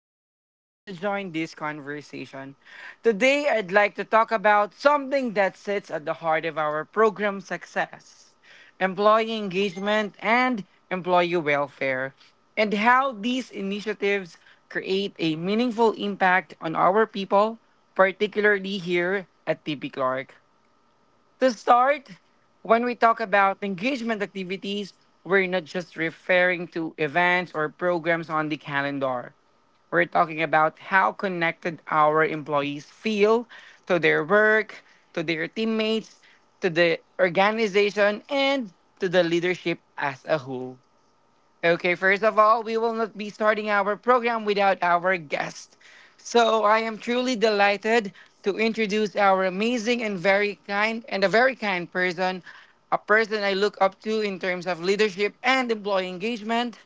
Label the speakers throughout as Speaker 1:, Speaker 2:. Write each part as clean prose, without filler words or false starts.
Speaker 1: taking the time to join this conversation. Today, I'd like to talk about something that sits at the heart of our program success, employee engagement and employee welfare, and how these initiatives create a meaningful impact on our people, particularly here at TP Clark. To start, when we talk about engagement activities, we're not just referring to events or programs on the calendar. We're talking about how connected our employees feel to their work, to their teammates, to the organization, and to the leadership as a whole. Okay, first of all, we will not be starting our program without our guest. So I am truly delighted to introduce our amazing and very kind and a very kind person, a person I look up to in terms of leadership and employee engagement.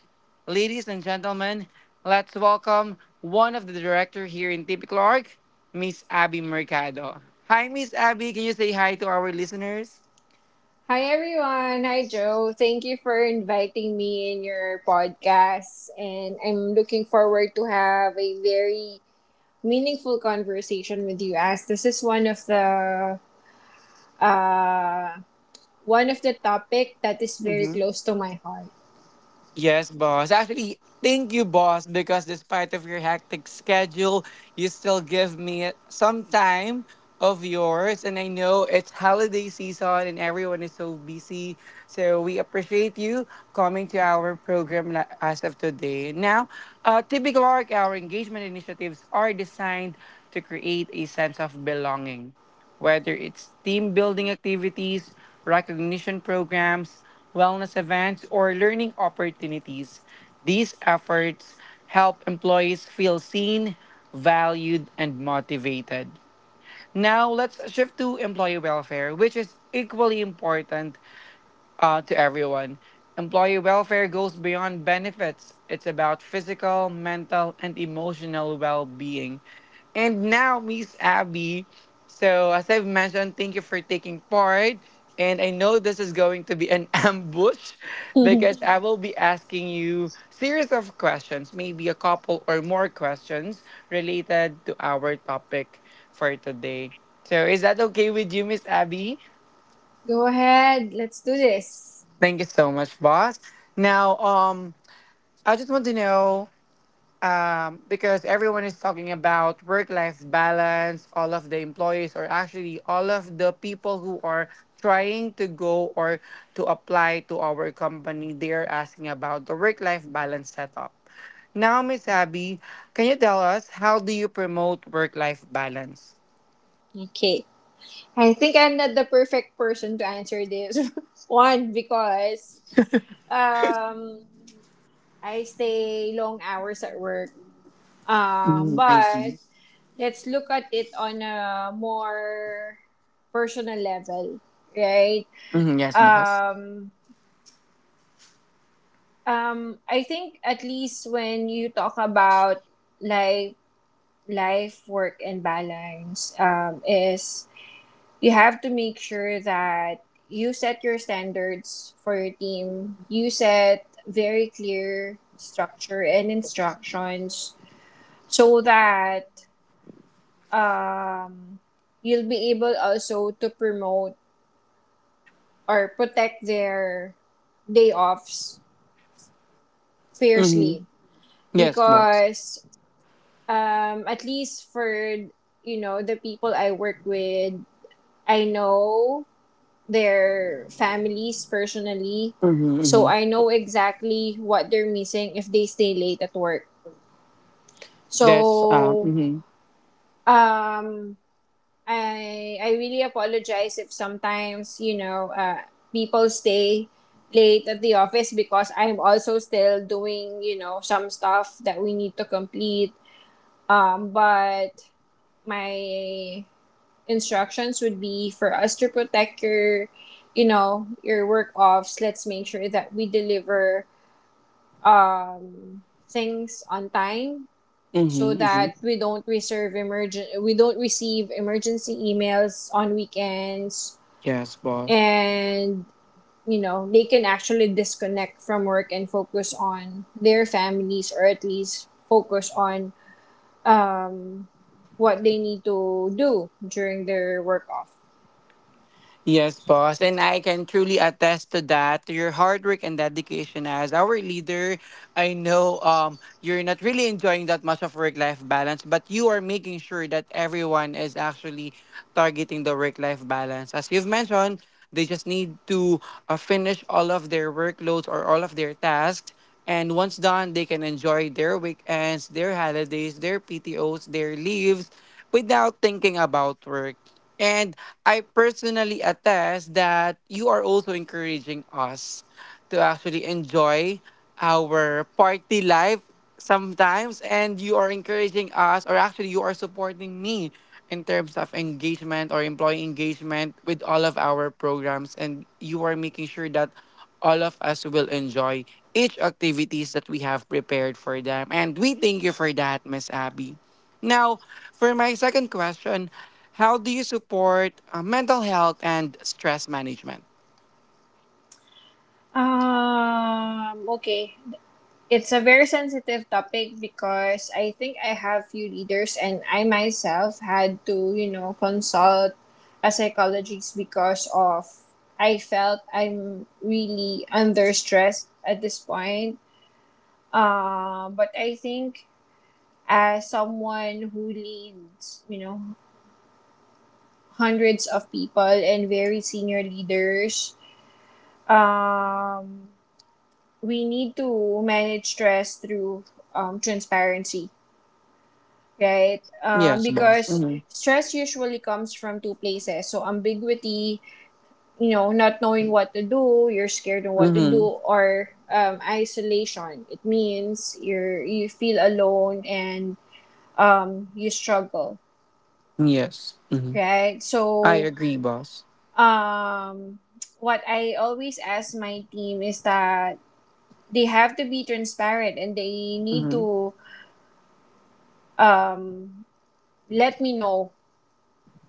Speaker 1: Ladies and gentlemen, let's welcome one of the director here in Tipi Clark, Miss Abby Mercado. Hi, Miss Abby. Can you say hi to our listeners?
Speaker 2: Hi everyone. Hi Joe. Thank you for inviting me in your podcast and I'm looking forward to have a very meaningful conversation with you as this is uh one of the topic that is very close to my heart.
Speaker 1: Yes, boss. Actually, thank you, boss, because despite of your hectic schedule, you still give me some time of yours. And I know it's holiday season and everyone is so busy. So we appreciate you coming to our program as of today. Now, typical Arc, our engagement initiatives are designed to create a sense of belonging, whether it's team building activities, recognition programs, wellness events, or learning opportunities. These efforts help employees feel seen, valued, and motivated. Now, let's shift to employee welfare, which is equally important to everyone. Employee welfare goes beyond benefits, it's about physical, mental, and emotional well being. And now, Miss Abby. So, as I've mentioned, thank you for taking part. And I know this is going to be an ambush because I will be asking you series of questions, maybe a couple or more questions related to our topic for today. So, is that okay with you, Miss Abby?
Speaker 2: Go ahead. Let's do this.
Speaker 1: Thank you so much, boss. Now, I just want to know, because everyone is talking about work-life balance. All of the employees, or actually all of the people who are trying to go or to apply to our company, they are asking about the work-life balance setup. Now, Miss Abby, can you tell us how do you promote work-life balance?
Speaker 2: Okay. I think I'm not the perfect person to answer this one because um I stay long hours at work. Um,
Speaker 1: Mm, I
Speaker 2: but
Speaker 1: see.
Speaker 2: let's look at it on a more personal level, right?
Speaker 1: Mhm, yes, boss.
Speaker 2: Um, I think at least when you talk about life, life, work, and balance, is you have to make sure that you set your standards for your team. You set very clear structure and instructions so that um, you'll be able also to promote or protect their day offs
Speaker 1: Hmm.
Speaker 2: fiercely
Speaker 1: Yes, boss.
Speaker 2: because at least for you know the people I work with, I know their families personally, so
Speaker 1: Hmm.
Speaker 2: I know exactly what they're missing if they stay late at work.
Speaker 1: That's uh,
Speaker 2: So
Speaker 1: hmm
Speaker 2: um, I really apologize if sometimes you know people stay late at the office because I'm also still doing you know some stuff that we need to complete. But my instructions would be for us to protect your you know your work offs. Let's make sure that we deliver things on time so
Speaker 1: Hmm.
Speaker 2: that we don't receive emergency emails on weekends
Speaker 1: Yes, boss.
Speaker 2: and you know they can actually disconnect from work and focus on their families or at least focus on um, what they need to do during their work off.
Speaker 1: Yes, boss. And I can truly attest to that, to your hard work and dedication as our leader. I know, you're not really enjoying that much of work life balance, but you are making sure that everyone is actually targeting the work life balance. As you've mentioned, they just need to finish all of their workloads or all of their tasks. And once done, they can enjoy their weekends, their holidays, their PTOs, their leaves without thinking about work. And I personally attest that you are also encouraging us to actually enjoy our party life sometimes. And you are encouraging us, or actually, you are supporting me in terms of engagement or employee engagement with all of our programs. And you are making sure that all of us will enjoy each activities that we have prepared for them. And we thank you for that, Miss Abby. Now, for my second question, how do you support mental health and stress management?
Speaker 2: Okay. It's a very sensitive topic because I think I have few leaders and I myself had to, you know, consult a psychologist because of I felt I'm really under stress at this point. But I think as someone who leads, you know, hundreds of people and very senior leaders, um, we need to manage stress through transparency, right?
Speaker 1: Yes, boss.
Speaker 2: Because
Speaker 1: Mm-hmm.
Speaker 2: stress usually comes from two places. So ambiguity, you know, not knowing what to do, you're scared of what to
Speaker 1: Mm-hmm.
Speaker 2: do, or isolation. It means you feel alone and you struggle,
Speaker 1: Yes. Mm-hmm.
Speaker 2: right?
Speaker 1: I
Speaker 2: So
Speaker 1: agree, boss.
Speaker 2: um, what I always ask my team is that they have to be transparent and they need
Speaker 1: Mm-hmm.
Speaker 2: to um, let me know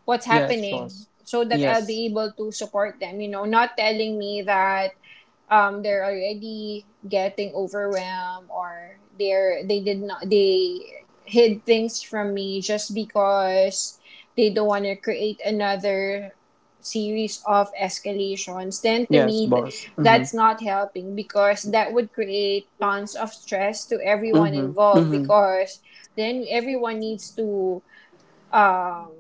Speaker 2: what's
Speaker 1: Yes,
Speaker 2: happening
Speaker 1: boss.
Speaker 2: so that I'll
Speaker 1: Yes.
Speaker 2: be able to support them. You know, not telling me that they're already getting overwhelmed or they're they did not they hid things from me just because they don't want to create another series of escalations then to
Speaker 1: Yes,
Speaker 2: me
Speaker 1: boss. Mm-hmm.
Speaker 2: that's not helping because that would create tons of stress to everyone
Speaker 1: Mm-hmm.
Speaker 2: involved
Speaker 1: Mm-hmm.
Speaker 2: because then everyone needs to um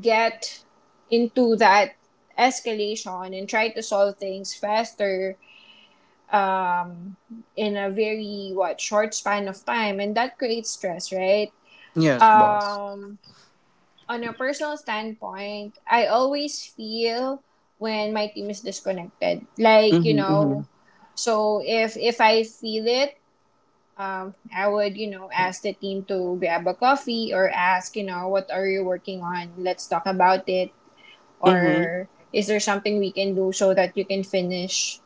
Speaker 2: get into that escalation and try to solve things faster um, in a very what short span of time, and that creates stress, right?
Speaker 1: Yes, boss.
Speaker 2: Um, on a personal standpoint, I always feel when my team is disconnected. Like you
Speaker 1: Mm-hmm. Mm-hmm.
Speaker 2: know, so if I feel it, I would you know ask the team to grab a coffee or ask you know what are you working on? Let's talk about it
Speaker 1: Mm-hmm.
Speaker 2: or is there something we can do so that you can finish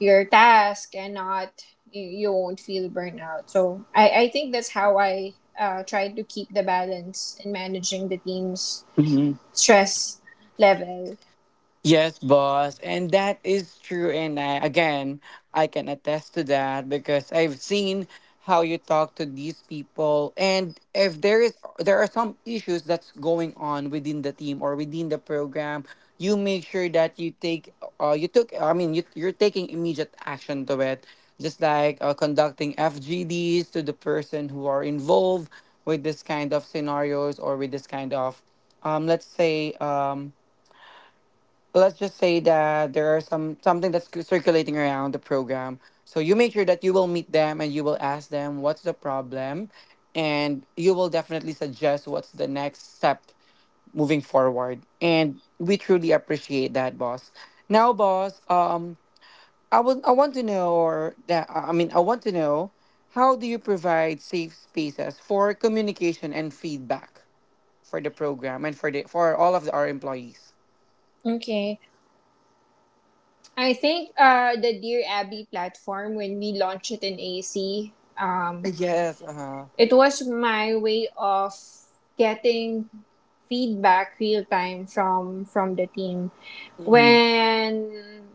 Speaker 2: your task and not you won't feel burnout? So I think that's how I try to keep the balance in managing the team's
Speaker 1: Mm-hmm.
Speaker 2: stress level.
Speaker 1: Yes, boss, and that is true. And I, again, I can attest to that because I've seen how you talk to these people, and if there are some issues that's going on within the team or within the program, you make sure that you take, you took, I mean, you're taking immediate action to it, just like conducting FGDs to the person who are involved with this kind of scenarios or with this kind of, let's say, let's just say that there are some something that's circulating around the program, so you make sure that you will meet them and you will ask them what's the problem, and you will definitely suggest what's the next step moving forward, and we truly appreciate that, boss. Now, boss, I want to know, or that I mean, I want to know how do you provide safe spaces for communication and feedback for the program and for all of the, our employees?
Speaker 2: Okay. I think the Dear Abby platform, when we launched it in AC, um,
Speaker 1: Yes, uh-huh.
Speaker 2: it was my way of getting feedback real time from the team when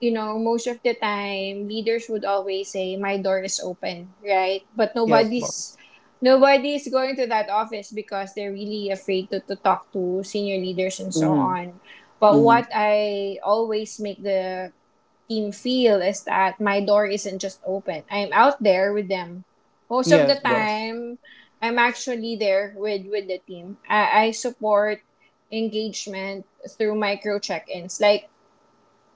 Speaker 2: you know, most of the time, leaders would always say, "My door is open," right? But
Speaker 1: Yes, boss.
Speaker 2: nobody's going to that office because they're really afraid to talk to senior leaders and so
Speaker 1: Mm-hmm.
Speaker 2: on. But
Speaker 1: Mm-hmm.
Speaker 2: what I always make the team feel is that my door isn't just open. I'm out there with them. Most of the
Speaker 1: Yes, boss.
Speaker 2: time, I'm actually there with the team. I support engagement through micro check-ins. Like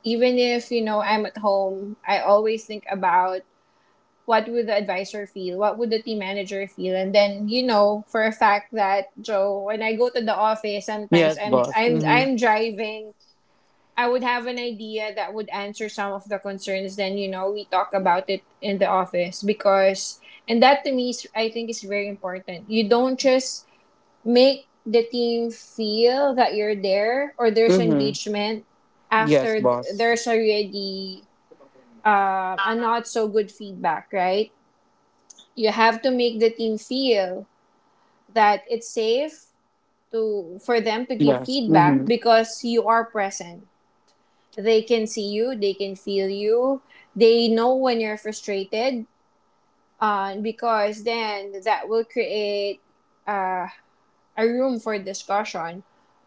Speaker 2: even if you know I'm at home, I always think about what would the advisor feel, what would the team manager feel, and then you know for a fact that Joe, when I go to the office, sometimes
Speaker 1: Yes,
Speaker 2: I'm
Speaker 1: boss.
Speaker 2: I'm
Speaker 1: Mm-hmm.
Speaker 2: I'm driving. I would have an idea that would answer some of the concerns. Then you know we talk about it in the office and that to me is I think is very important. You don't just make the team feel that you're there or there's
Speaker 1: Mm-hmm.
Speaker 2: engagement
Speaker 1: Yes,
Speaker 2: after
Speaker 1: boss.
Speaker 2: there's already a not so good feedback, right? You have to make the team feel that it's safe to for them to give
Speaker 1: Yes.
Speaker 2: feedback
Speaker 1: Mm-hmm.
Speaker 2: because you are present. They can see you, they can feel you, they know when you're frustrated, because then that will create uh, a room for discussion.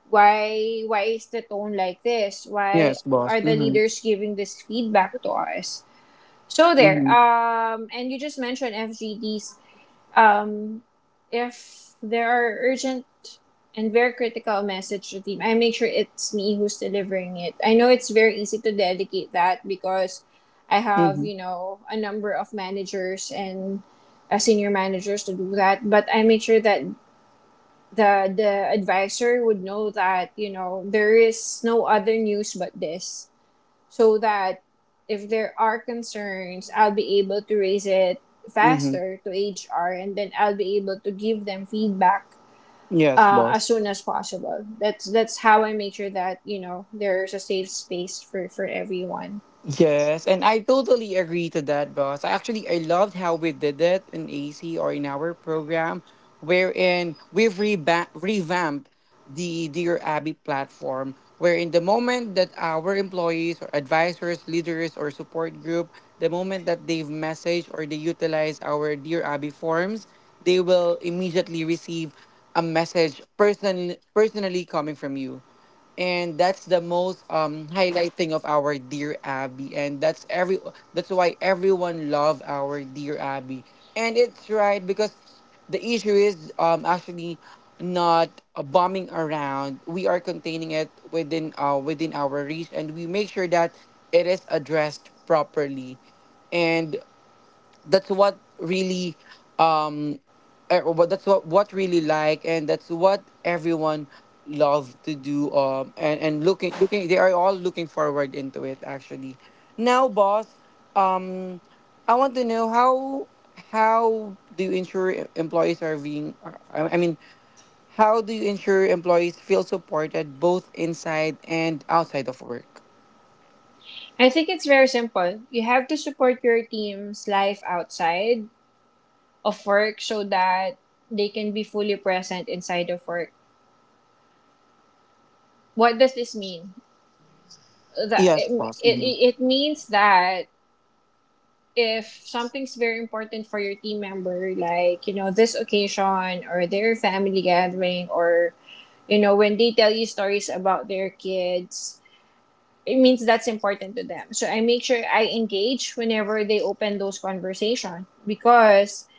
Speaker 2: Why is the tone like this? Why
Speaker 1: Yes, boss.
Speaker 2: are the
Speaker 1: Mm-hmm.
Speaker 2: leaders giving this feedback to us? So there.
Speaker 1: Mm-hmm.
Speaker 2: And you just mentioned FGDs. um, if there are urgent and very critical message to team, I make sure it's me who's delivering it. I know it's very easy to delegate that because I have,
Speaker 1: Mm-hmm.
Speaker 2: you know, a number of managers and senior managers to do that, but I make sure that the advisor would know that, you know, there is no other news but this so that if there are concerns, I'll be able to raise it
Speaker 1: Mm-hmm.
Speaker 2: faster to HR, and then I'll be able to give them feedback
Speaker 1: Yes,
Speaker 2: as
Speaker 1: boss.
Speaker 2: soon as possible. That's how I make sure that you know there's a safe space for everyone.
Speaker 1: Yes, and I totally agree to that, boss. I Actually, I loved how we did it in AC or in our program, wherein we've revamped the Dear Abby platform, wherein the moment that our employees or advisors, leaders, or support group, the moment that they've messaged or they utilize our Dear Abby forms, they will immediately receive a message personally coming from you, and that's the most, highlighting of our Dear Abby. And that's why everyone love our Dear Abby. And it's right, because the issue is, actually not, bombing around. We are containing it within, within our reach, and we make sure that it is addressed properly. And that's what really, um what that's what really, like, and that's what everyone love to do. And looking looking they are all looking forward into it, actually. Now, boss, um I want to know how do you ensure employees are being are- I mean, how do you ensure employees feel supported both inside and outside of work?
Speaker 2: I think it's very simple. You have to support your team's life outside of work so that they can be fully present inside of work. What does this mean? That
Speaker 1: Yes,
Speaker 2: it,
Speaker 1: boss. Mm-hmm.
Speaker 2: it means that if something's very important for your team member, like, you know, this occasion or their family gathering or, you know, when they tell you stories about their kids, it means that's important to them. So I make sure I engage whenever they open those conversation because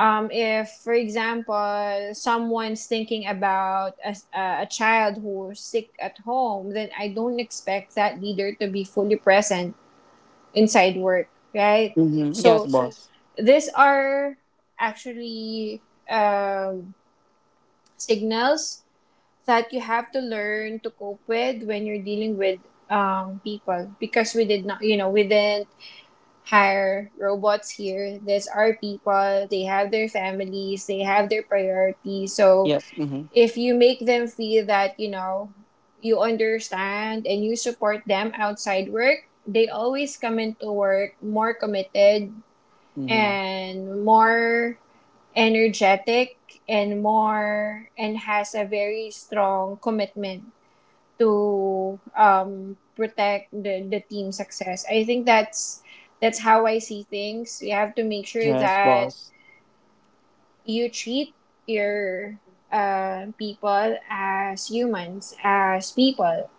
Speaker 2: if, for example, someone's thinking about a child who's sick at home, then I don't expect that leader to be fully present inside work, right?
Speaker 1: Mm-hmm. Yes.
Speaker 2: So
Speaker 1: Boss.
Speaker 2: these are actually um, signals that you have to learn to cope with when you're dealing with people because we did not, you know, we didn't hire robots here. These are people, they have their families, they have their priorities. So
Speaker 1: Yes. Mm-hmm.
Speaker 2: if you make them feel that, you know, you understand and you support them outside work, they always come into work more committed
Speaker 1: Mm-hmm.
Speaker 2: and more energetic and more and has a very strong commitment to protect the team success. I think that's how I see things. You have to make sure
Speaker 1: Yes,
Speaker 2: that
Speaker 1: boss.
Speaker 2: you treat your people as humans, as people,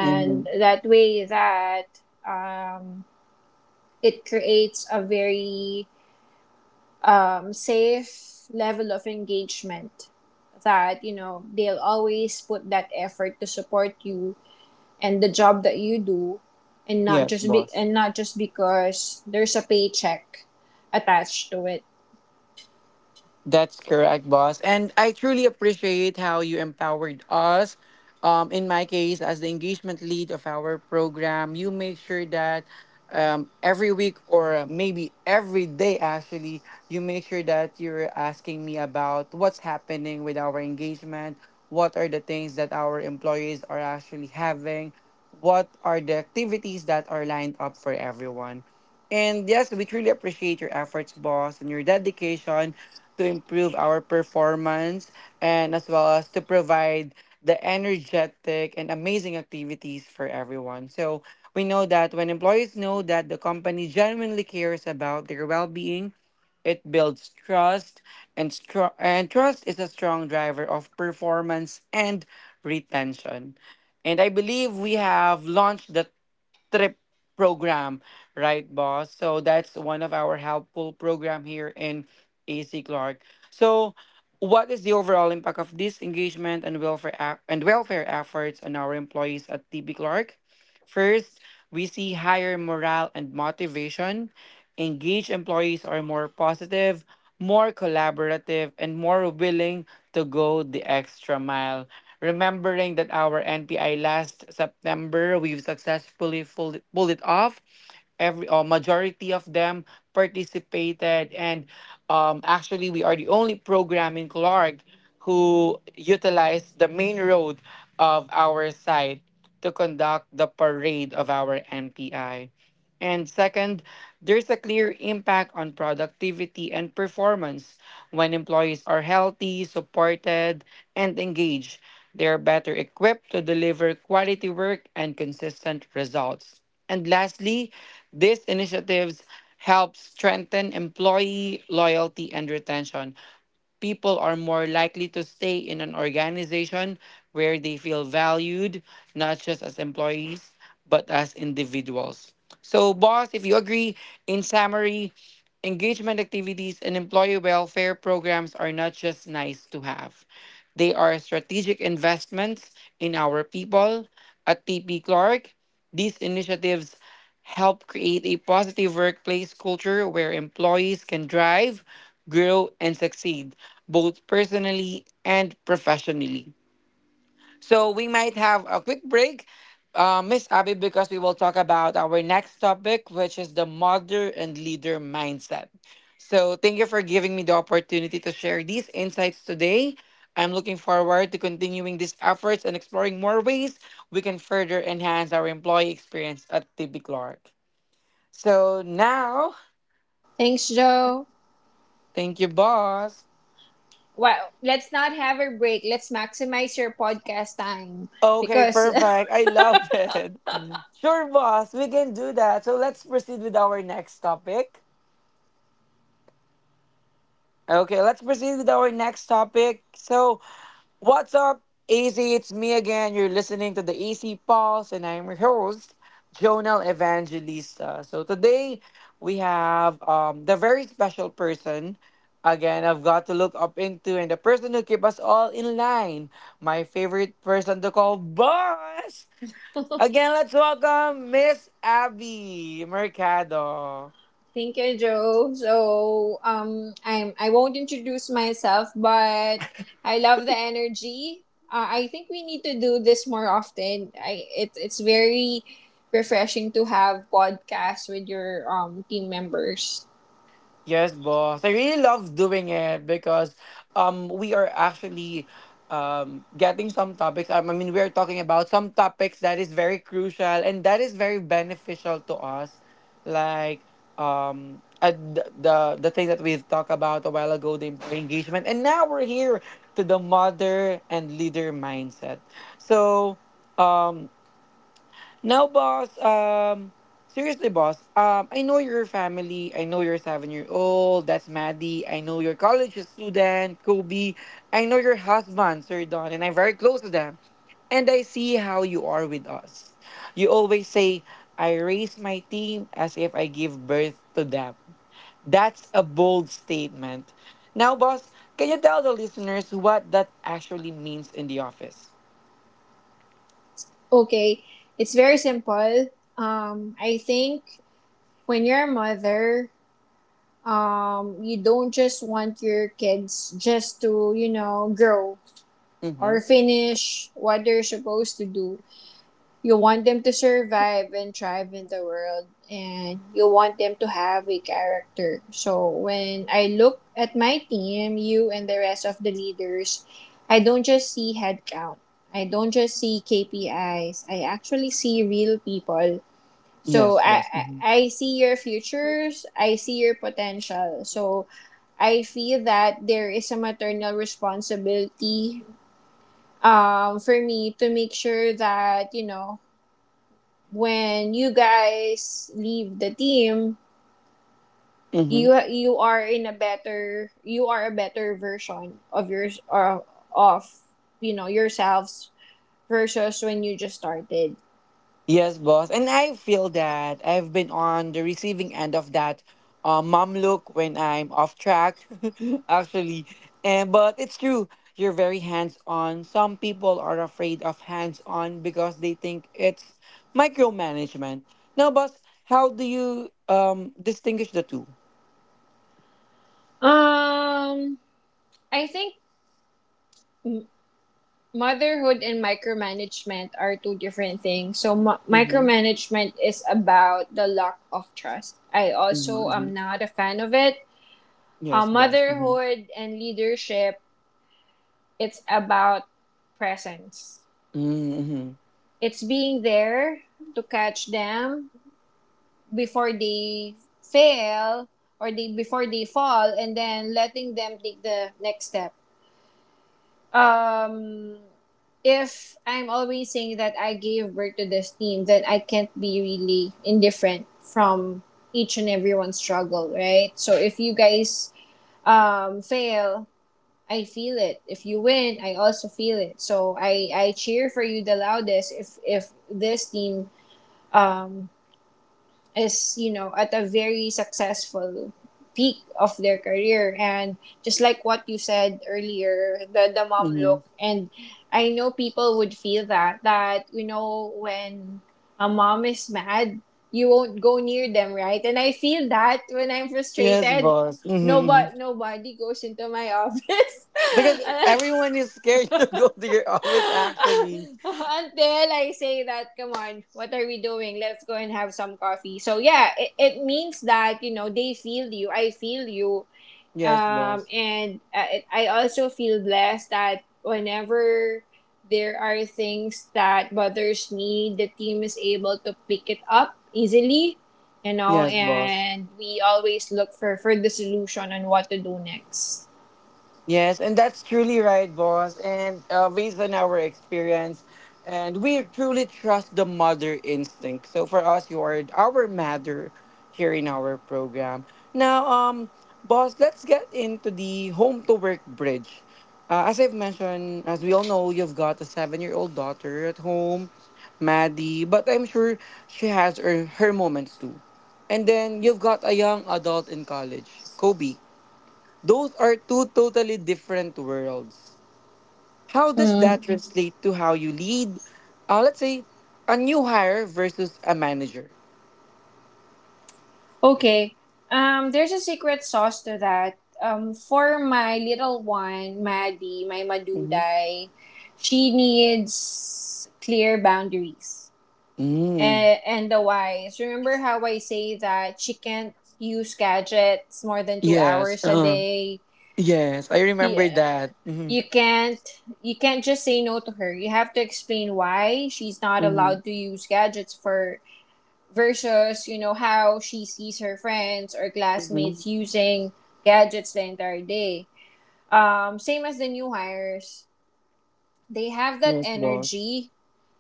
Speaker 1: Mm-hmm.
Speaker 2: that way that um, it creates a very safe level of engagement that you know they'll always put that effort to support you and the job that you do and not
Speaker 1: Yes,
Speaker 2: just be
Speaker 1: boss.
Speaker 2: and not just because there's a paycheck attached to it.
Speaker 1: That's correct, boss. And I truly appreciate how you empowered us. In my case, as the engagement lead of our program, you make sure that, every week or maybe every day, actually, you make sure that you're asking me about what's happening with our engagement, what are the things that our employees are actually having, what are the activities that are lined up for everyone. And yes, we truly appreciate your efforts, boss, and your dedication to improve our performance, and as well as to provide the energetic and amazing activities for everyone. So we know that when employees know that the company genuinely cares about their well-being, it builds trust, and and trust is a strong driver of performance and retention. And I believe we have launched the trip program, right, boss? So that's one of our helpful program here in AC Clark. So what is the overall impact of this engagement and welfare, and welfare efforts on our employees at TB Clark? First, we see higher morale and motivation. Engaged employees are more positive, more collaborative, and more willing to go the extra mile. Remembering that our NPI last September, we've successfully pulled it off, every or majority of them participated. And, actually we are the only program in Clark who utilized the main road of our site to conduct the parade of our NPI. And second, there's a clear impact on productivity and performance. When employees are healthy, supported, and engaged, they are better equipped to deliver quality work and consistent results. And lastly, these initiatives help strengthen employee loyalty and retention. People are more likely to stay in an organization where they feel valued, not just as employees, but as individuals. So, boss, if you agree, in summary, engagement activities and employee welfare programs are not just nice to have. They are strategic investments in our people. At TP Clark, these initiatives help create a positive workplace culture where employees can drive, grow, and succeed both personally and professionally. So we might have a quick break, Miss Abby, because we will talk about our next topic, which is the mother and leader mindset. So thank you for giving me the opportunity to share these insights today. I'm looking forward to continuing these efforts and exploring more ways we can further enhance our employee experience at TB Clark. So now,
Speaker 2: Thanks, Joe.
Speaker 1: thank you, boss.
Speaker 2: Well, let's not have a break. Let's maximize your podcast time.
Speaker 1: Okay,
Speaker 2: Because
Speaker 1: perfect. I love it. Sure, boss, we can do that. So let's proceed with our next topic. Okay, let's proceed with our next topic. So, what's up, AC? It's me again. You're listening to the AC Pulse, and I'm your host, Jonel Evangelista. So, today we have, the very special person. Again, I've got to look up into, and the person who keep us all in line. My favorite person to call boss. Again, let's welcome Miss Abby Mercado.
Speaker 2: Thank you, Joe. So I won't introduce myself, but I love the energy. I think we need to do this more often. I It's very refreshing to have podcasts with your team members.
Speaker 1: Yes, boss. I really love doing it because, we are actually, getting some topics. We are talking about some topics that is very crucial and that is very beneficial to us. Like the thing that we've talked about a while ago, the employee engagement, and now we're here to the mother and leader mindset. So um Now, boss, seriously, boss, I know your family. I know you're 7 year old. That's Maddie. I know your college student, Kobe. I know your husband, Sir Don, and I'm very close to them. And I see how you are with us. You always say, I raise my team as if I give birth to them. That's a bold statement. Now, boss, can you tell the listeners what that actually means in the office?
Speaker 2: Okay, it's very simple. I think when you're a mother, you don't just want your kids just to you know grow or
Speaker 1: Mm-hmm.
Speaker 2: finish what they're supposed to do. You want them to survive and thrive in the world, and you want them to have a character. So when I look at my team, you and the rest of the leaders, I don't just see headcount. I don't just see KPIs. I actually see real people.
Speaker 1: Yes,
Speaker 2: So I,
Speaker 1: boss.
Speaker 2: I I see your futures. I see your potential. So I feel that there is a maternal responsibility for me to make sure that, you know, when you guys leave the team,
Speaker 1: Mm-hmm.
Speaker 2: you are in a better you are a better version of yours or of you know yourselves versus when you just started.
Speaker 1: Yes, boss. And I feel that I've been on the receiving end of that mom look when I'm off track, actually. And but it's true. You're very hands-on. Some people are afraid of hands-on because they think it's micromanagement. Now, boss, how do you distinguish the 2?
Speaker 2: Um, I think m- motherhood and micromanagement are two different things. So
Speaker 1: Mm-hmm.
Speaker 2: micromanagement is about the lack of trust. I
Speaker 1: Mm-hmm.
Speaker 2: also
Speaker 1: Hmm.
Speaker 2: am not a fan of it.
Speaker 1: Yes, boss. Mm-hmm.
Speaker 2: Motherhood and leadership, it's about presence.
Speaker 1: Mm-hmm.
Speaker 2: It's being there to catch them before they fail or they before they fall and then letting them take the next step. Um, if I'm always saying that I gave birth to this team, then I can't be really indifferent from each and everyone's struggle, right? So if you guys fail, I feel it. If you win, I also feel it. So I cheer for you the loudest if this team um, is, you know, at a very successful peak of their career. And just like what you said earlier, the mom
Speaker 1: Mm-hmm.
Speaker 2: look. And I know people would feel that, you know, when a mom is mad, you won't go near them, right? And I feel that when I'm
Speaker 1: Yes,
Speaker 2: frustrated.
Speaker 1: boss. Mm-hmm.
Speaker 2: Nobody,
Speaker 1: Mm-hmm.
Speaker 2: nobody goes into my
Speaker 1: Because
Speaker 2: office.
Speaker 1: everyone is scared to go to your office, actually.
Speaker 2: Until I say that, come on, what are we doing? Let's go and have some coffee. So yeah, it means that, you know, they feel you, I feel you.
Speaker 1: Yes, boss.
Speaker 2: And I also feel blessed that whenever there are things that bothers me, the team is able to pick it up easily, you know,
Speaker 1: Yes, boss.
Speaker 2: and we always look for the solution on what to do next.
Speaker 1: Yes, and that's truly right, boss. And based on our experience, and we truly trust the mother instinct. So for us, you are our mother here in our program. Now, boss, let's get into the home to work bridge. As I've mentioned, as we all know, you've got a seven-year-old daughter at home, Maddie, but I'm sure she has her moments too. And then you've got a young adult in college, Kobe. Those are two totally different worlds. How does
Speaker 2: Mm.
Speaker 1: that Mhm. translate to how you lead? Let's say a new hire versus a manager.
Speaker 2: Okay. There's a secret sauce to that. For my little one, Maddie, my
Speaker 1: Mhm.
Speaker 2: Maduday, she needs clear boundaries
Speaker 1: Mm.
Speaker 2: and the whys. Remember how I say that she can't use gadgets more than two
Speaker 1: Yes.
Speaker 2: hours a day?
Speaker 1: Yes. I
Speaker 2: Yeah.
Speaker 1: remember that. Mm-hmm.
Speaker 2: You can't just say no to her. You have to explain why she's not
Speaker 1: Mm-hmm.
Speaker 2: allowed to use gadgets for versus you know how she sees her friends or
Speaker 1: Mm-hmm.
Speaker 2: classmates using gadgets the entire day, same as the new hires. They have that
Speaker 1: Yes, boss.
Speaker 2: energy,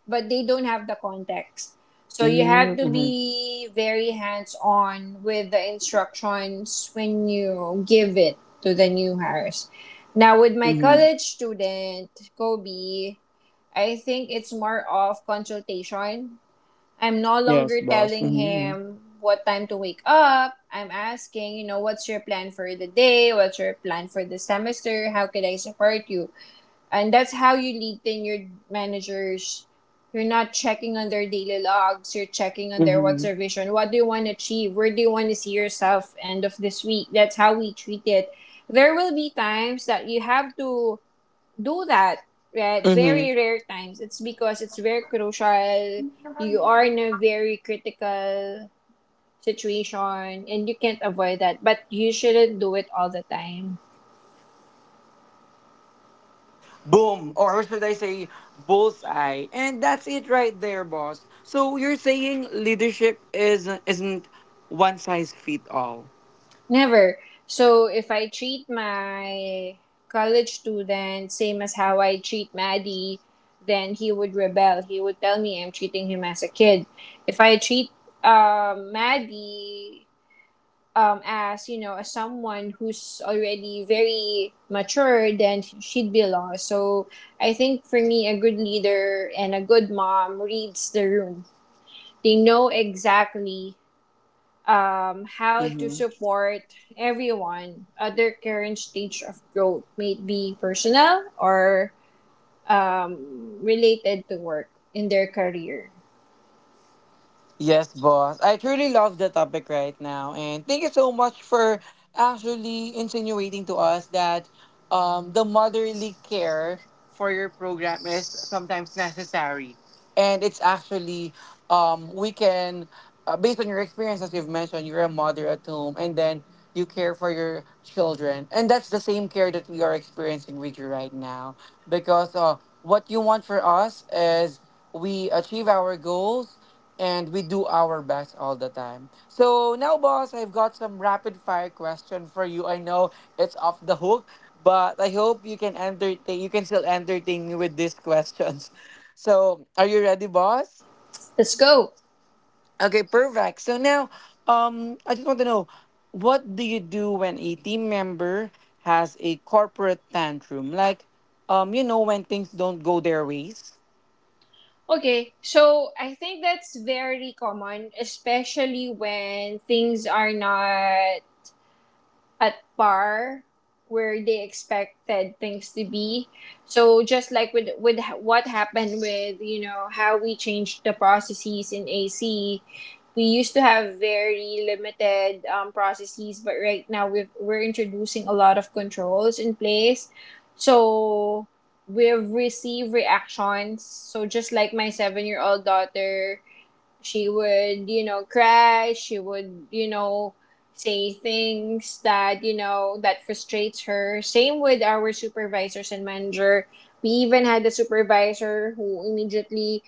Speaker 2: but they don't have the context, so you have to
Speaker 1: Mm-hmm.
Speaker 2: be very hands on with the instructions when you give it to the new hires. Now with my
Speaker 1: Mm-hmm.
Speaker 2: college student, Kobe, I think it's more of consultation. I'm no
Speaker 1: Yes,
Speaker 2: longer
Speaker 1: boss.
Speaker 2: telling
Speaker 1: Mm-hmm.
Speaker 2: him what time to wake up. I'm asking, you know, what's your plan for the day? What's your plan for the semester? How could I support you? And that's how you lead in your managers. You're not checking on their daily logs. You're checking on their what's
Speaker 1: Mm-hmm.
Speaker 2: your vision? What do you want to achieve? Where do you want to see yourself end of this week? That's how we treat it. There will be times that you have to do that at
Speaker 1: Mm-hmm.
Speaker 2: very rare times, it's because it's very crucial. You are in a very critical situation and you can't avoid that. But you shouldn't do it all the time.
Speaker 1: Boom, or should I say, bullseye. And that's it right there, boss. So you're saying leadership is isn't one size fit all.
Speaker 2: Never. So if I treat my college student same as how I treat Maddie, then he would rebel. He would tell me I'm treating him as a kid. If I treat Maddie as you know, as someone who's already very mature, then she'd be lost. So I think for me, a good leader and a good mom reads the room. They know exactly how to
Speaker 1: Mm-hmm.
Speaker 2: support everyone at their current stage of growth, may it be personal or related to work in their career.
Speaker 1: Yes, boss. I truly love the topic right now. And thank you so much for actually insinuating to us that the motherly care for your program is sometimes necessary. And it's actually, we can, based on your experience, as you've mentioned, you're a mother at home and then you care for your children. And that's the same care that we are experiencing with you right now. Because what you want for us is we achieve our goals and we do our best all the time. So now, boss, I've got some rapid fire question for you. I know it's off the hook, but I hope you can entertain. You can still entertain me with these questions. So, are you ready, boss?
Speaker 2: Let's go.
Speaker 1: Okay, perfect. So now, I just want to know, what do you do when a team member has a corporate tantrum? Like, you know, when things don't go their ways.
Speaker 2: Okay, so I think that's very common, especially when things are not at par where they expected things to be. So just like with what happened with you know how we changed the processes in AC, we used to have very limited processes, but right now we're introducing a lot of controls in place. So we've received reactions. So just like my 7 year old daughter, she would, you know, cry. She would, you know, say things that, you know, that frustrates her. Same with our supervisors and manager. We even had a supervisor who immediately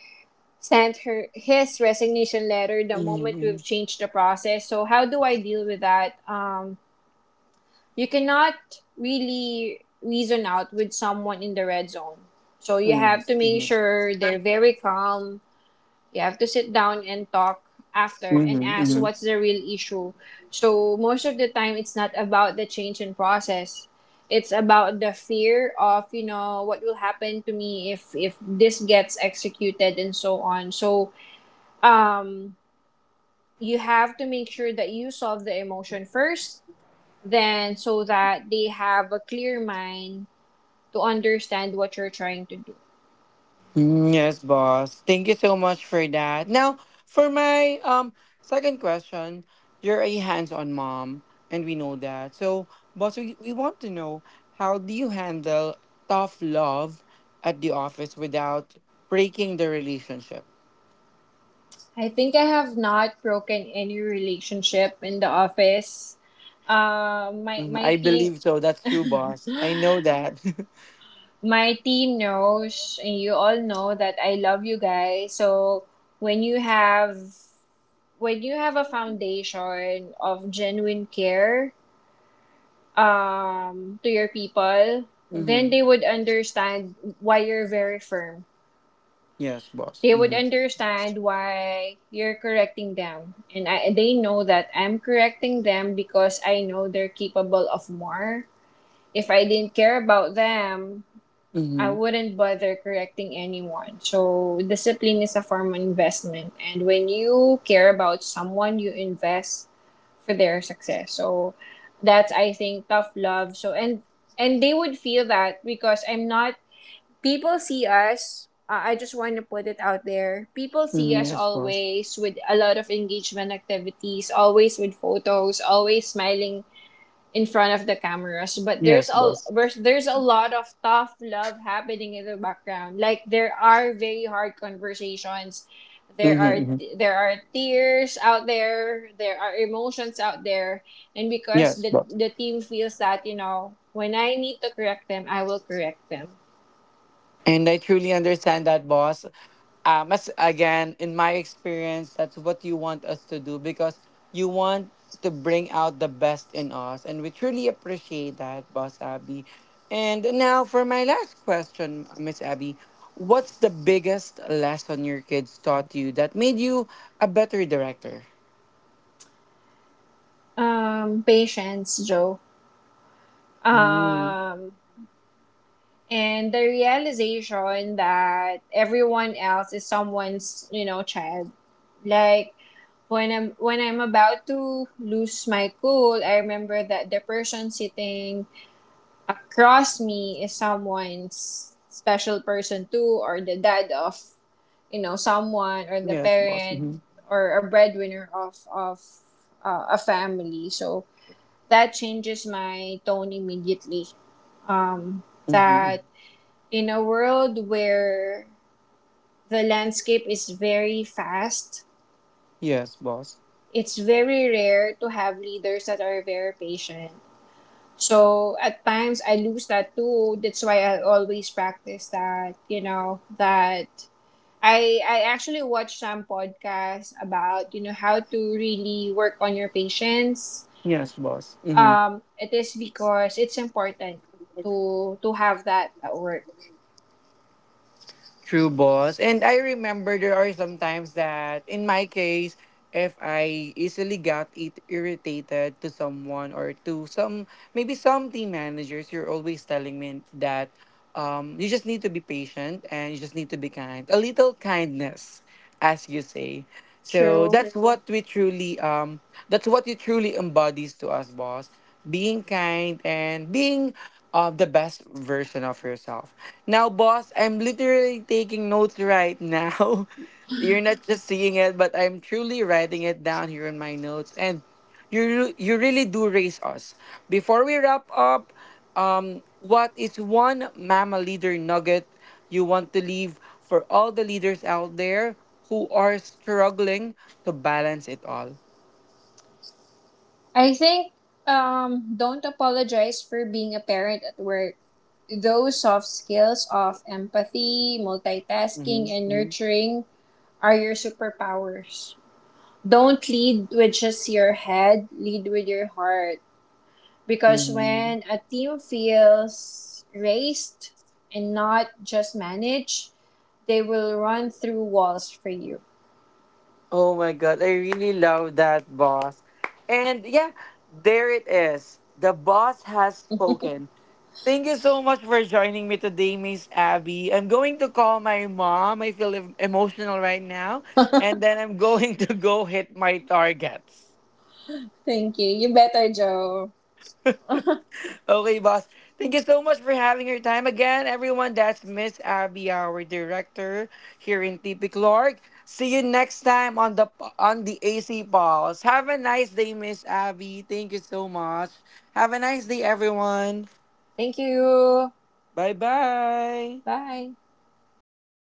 Speaker 2: sent her his resignation letter the moment
Speaker 1: Mm-hmm.
Speaker 2: we've changed the process. So how do I deal with that? You cannot really reason out with someone in the red zone. So you have to make sure they're very calm, you have to sit down and talk after and ask
Speaker 1: Mm-hmm.
Speaker 2: what's the real issue. So most of the time it's not about the change in process. It's about the fear of, you know, what will happen to me if this gets executed and so on. So um you have to make sure that you solve the emotion first, then so that they have a clear mind to understand what you're trying to do.
Speaker 1: Mm. Yes, boss. Thank you so much for that. Now, for my second question, you're a hands-on mom, and we know that. So, boss, we want to know how do you handle tough love at the office without breaking the relationship?
Speaker 2: I think I have not broken any relationship in the office. My
Speaker 1: Mhm,
Speaker 2: my
Speaker 1: I
Speaker 2: team
Speaker 1: believe so. That's true, boss. I know that.
Speaker 2: my team knows and you all know that I love you guys. So when you have a foundation of genuine care to your people, then
Speaker 1: Mm-hmm.
Speaker 2: they would understand why you're very firm,
Speaker 1: Yes, boss.
Speaker 2: they would
Speaker 1: Mm-hmm.
Speaker 2: understand why you're correcting them, and they know that I'm correcting them because I know they're capable of more. If I didn't care about them, I
Speaker 1: Mm-hmm.
Speaker 2: wouldn't bother correcting anyone. So discipline is a form of investment, and when you care about someone you invest for their success. So that's, I think, tough love. And they would feel that because I'm not, people see us, I just want to put it out there, people see
Speaker 1: Mm-hmm.
Speaker 2: us
Speaker 1: Yes, boss.
Speaker 2: always with a lot of engagement activities, always with photos, always smiling in front of the cameras. But there's
Speaker 1: Yes,
Speaker 2: a
Speaker 1: boss.
Speaker 2: lot of tough love happening in the background. Like there are very hard conversations, there
Speaker 1: Mm-hmm.
Speaker 2: are
Speaker 1: Mm-hmm.
Speaker 2: tears out there, there are emotions out there. And because
Speaker 1: Yes, boss.
Speaker 2: the team feels that, you know, when I need to correct them I will correct them.
Speaker 1: And I truly understand that, boss. As again in my experience, that's what you want us to do because you want to bring out the best in us and we truly appreciate that, boss Abby. And now for my last question, Miss Abby, what's the biggest lesson your kids taught you that made you a better director?
Speaker 2: Patience, Joe.
Speaker 1: Mm,
Speaker 2: Um, and the realization that everyone else is someone's, you know, child. Like when I'm about to lose my cool, I remember that the person sitting across me is someone's special person too, or the dad of, you know, someone, or the
Speaker 1: yes boss.
Speaker 2: parent,
Speaker 1: Hmm.
Speaker 2: or a breadwinner of a family. So that changes my tone immediately. Um,
Speaker 1: Hmm.
Speaker 2: that in a world where the landscape is very fast,
Speaker 1: Yes boss.
Speaker 2: it's very rare to have leaders that are very patient. So at times I lose that too. That's why I always practice that, you know, that I actually watched some podcasts about, you know, how to really work on your patience.
Speaker 1: Yes boss. Mm-hmm.
Speaker 2: It is because it's important to have that at work.
Speaker 1: True, boss. And I remember there are some times that, in my case, if I easily got it irritated to someone or to some, maybe some team managers, you're always telling me that you just need to be patient and you just need to be kind. A little kindness, as you say. So
Speaker 2: True.
Speaker 1: that's what we truly that's what you truly embodies to us, boss. Being kind and being the best version of yourself. Now, boss, I'm literally taking notes right now. You're not just seeing it, but I'm truly writing it down here in my notes. And you really do raise us. Before we wrap up, what is one mama leader nugget you want to leave for all the leaders out there who are struggling to balance it all?
Speaker 2: I think don't apologize for being a parent at work. Those soft skills of empathy,
Speaker 1: Mhm,
Speaker 2: multitasking, and
Speaker 1: mhm,
Speaker 2: nurturing are your superpowers. Don't lead with just your head, lead with your heart. Because
Speaker 1: mhm.
Speaker 2: when a team feels raised and not just managed, they will run through walls for you.
Speaker 1: Oh my god, I really love that, boss. And yeah, there it is. The boss has spoken. Thank you so much for joining me today, Miss Abby. I'm going to call my mom. I feel emotional right now. And then I'm going to go hit my targets.
Speaker 2: Thank you. You better, Joe.
Speaker 1: Okay, boss. Thank you so much for having your time again, everyone. That's Miss Abby, our director here in TP Clark. See you next time on the AC Pulse. Have a nice day, Miss Abby. Thank you so much. Have a nice day, everyone.
Speaker 2: Thank you.
Speaker 1: Bye bye.
Speaker 2: Bye.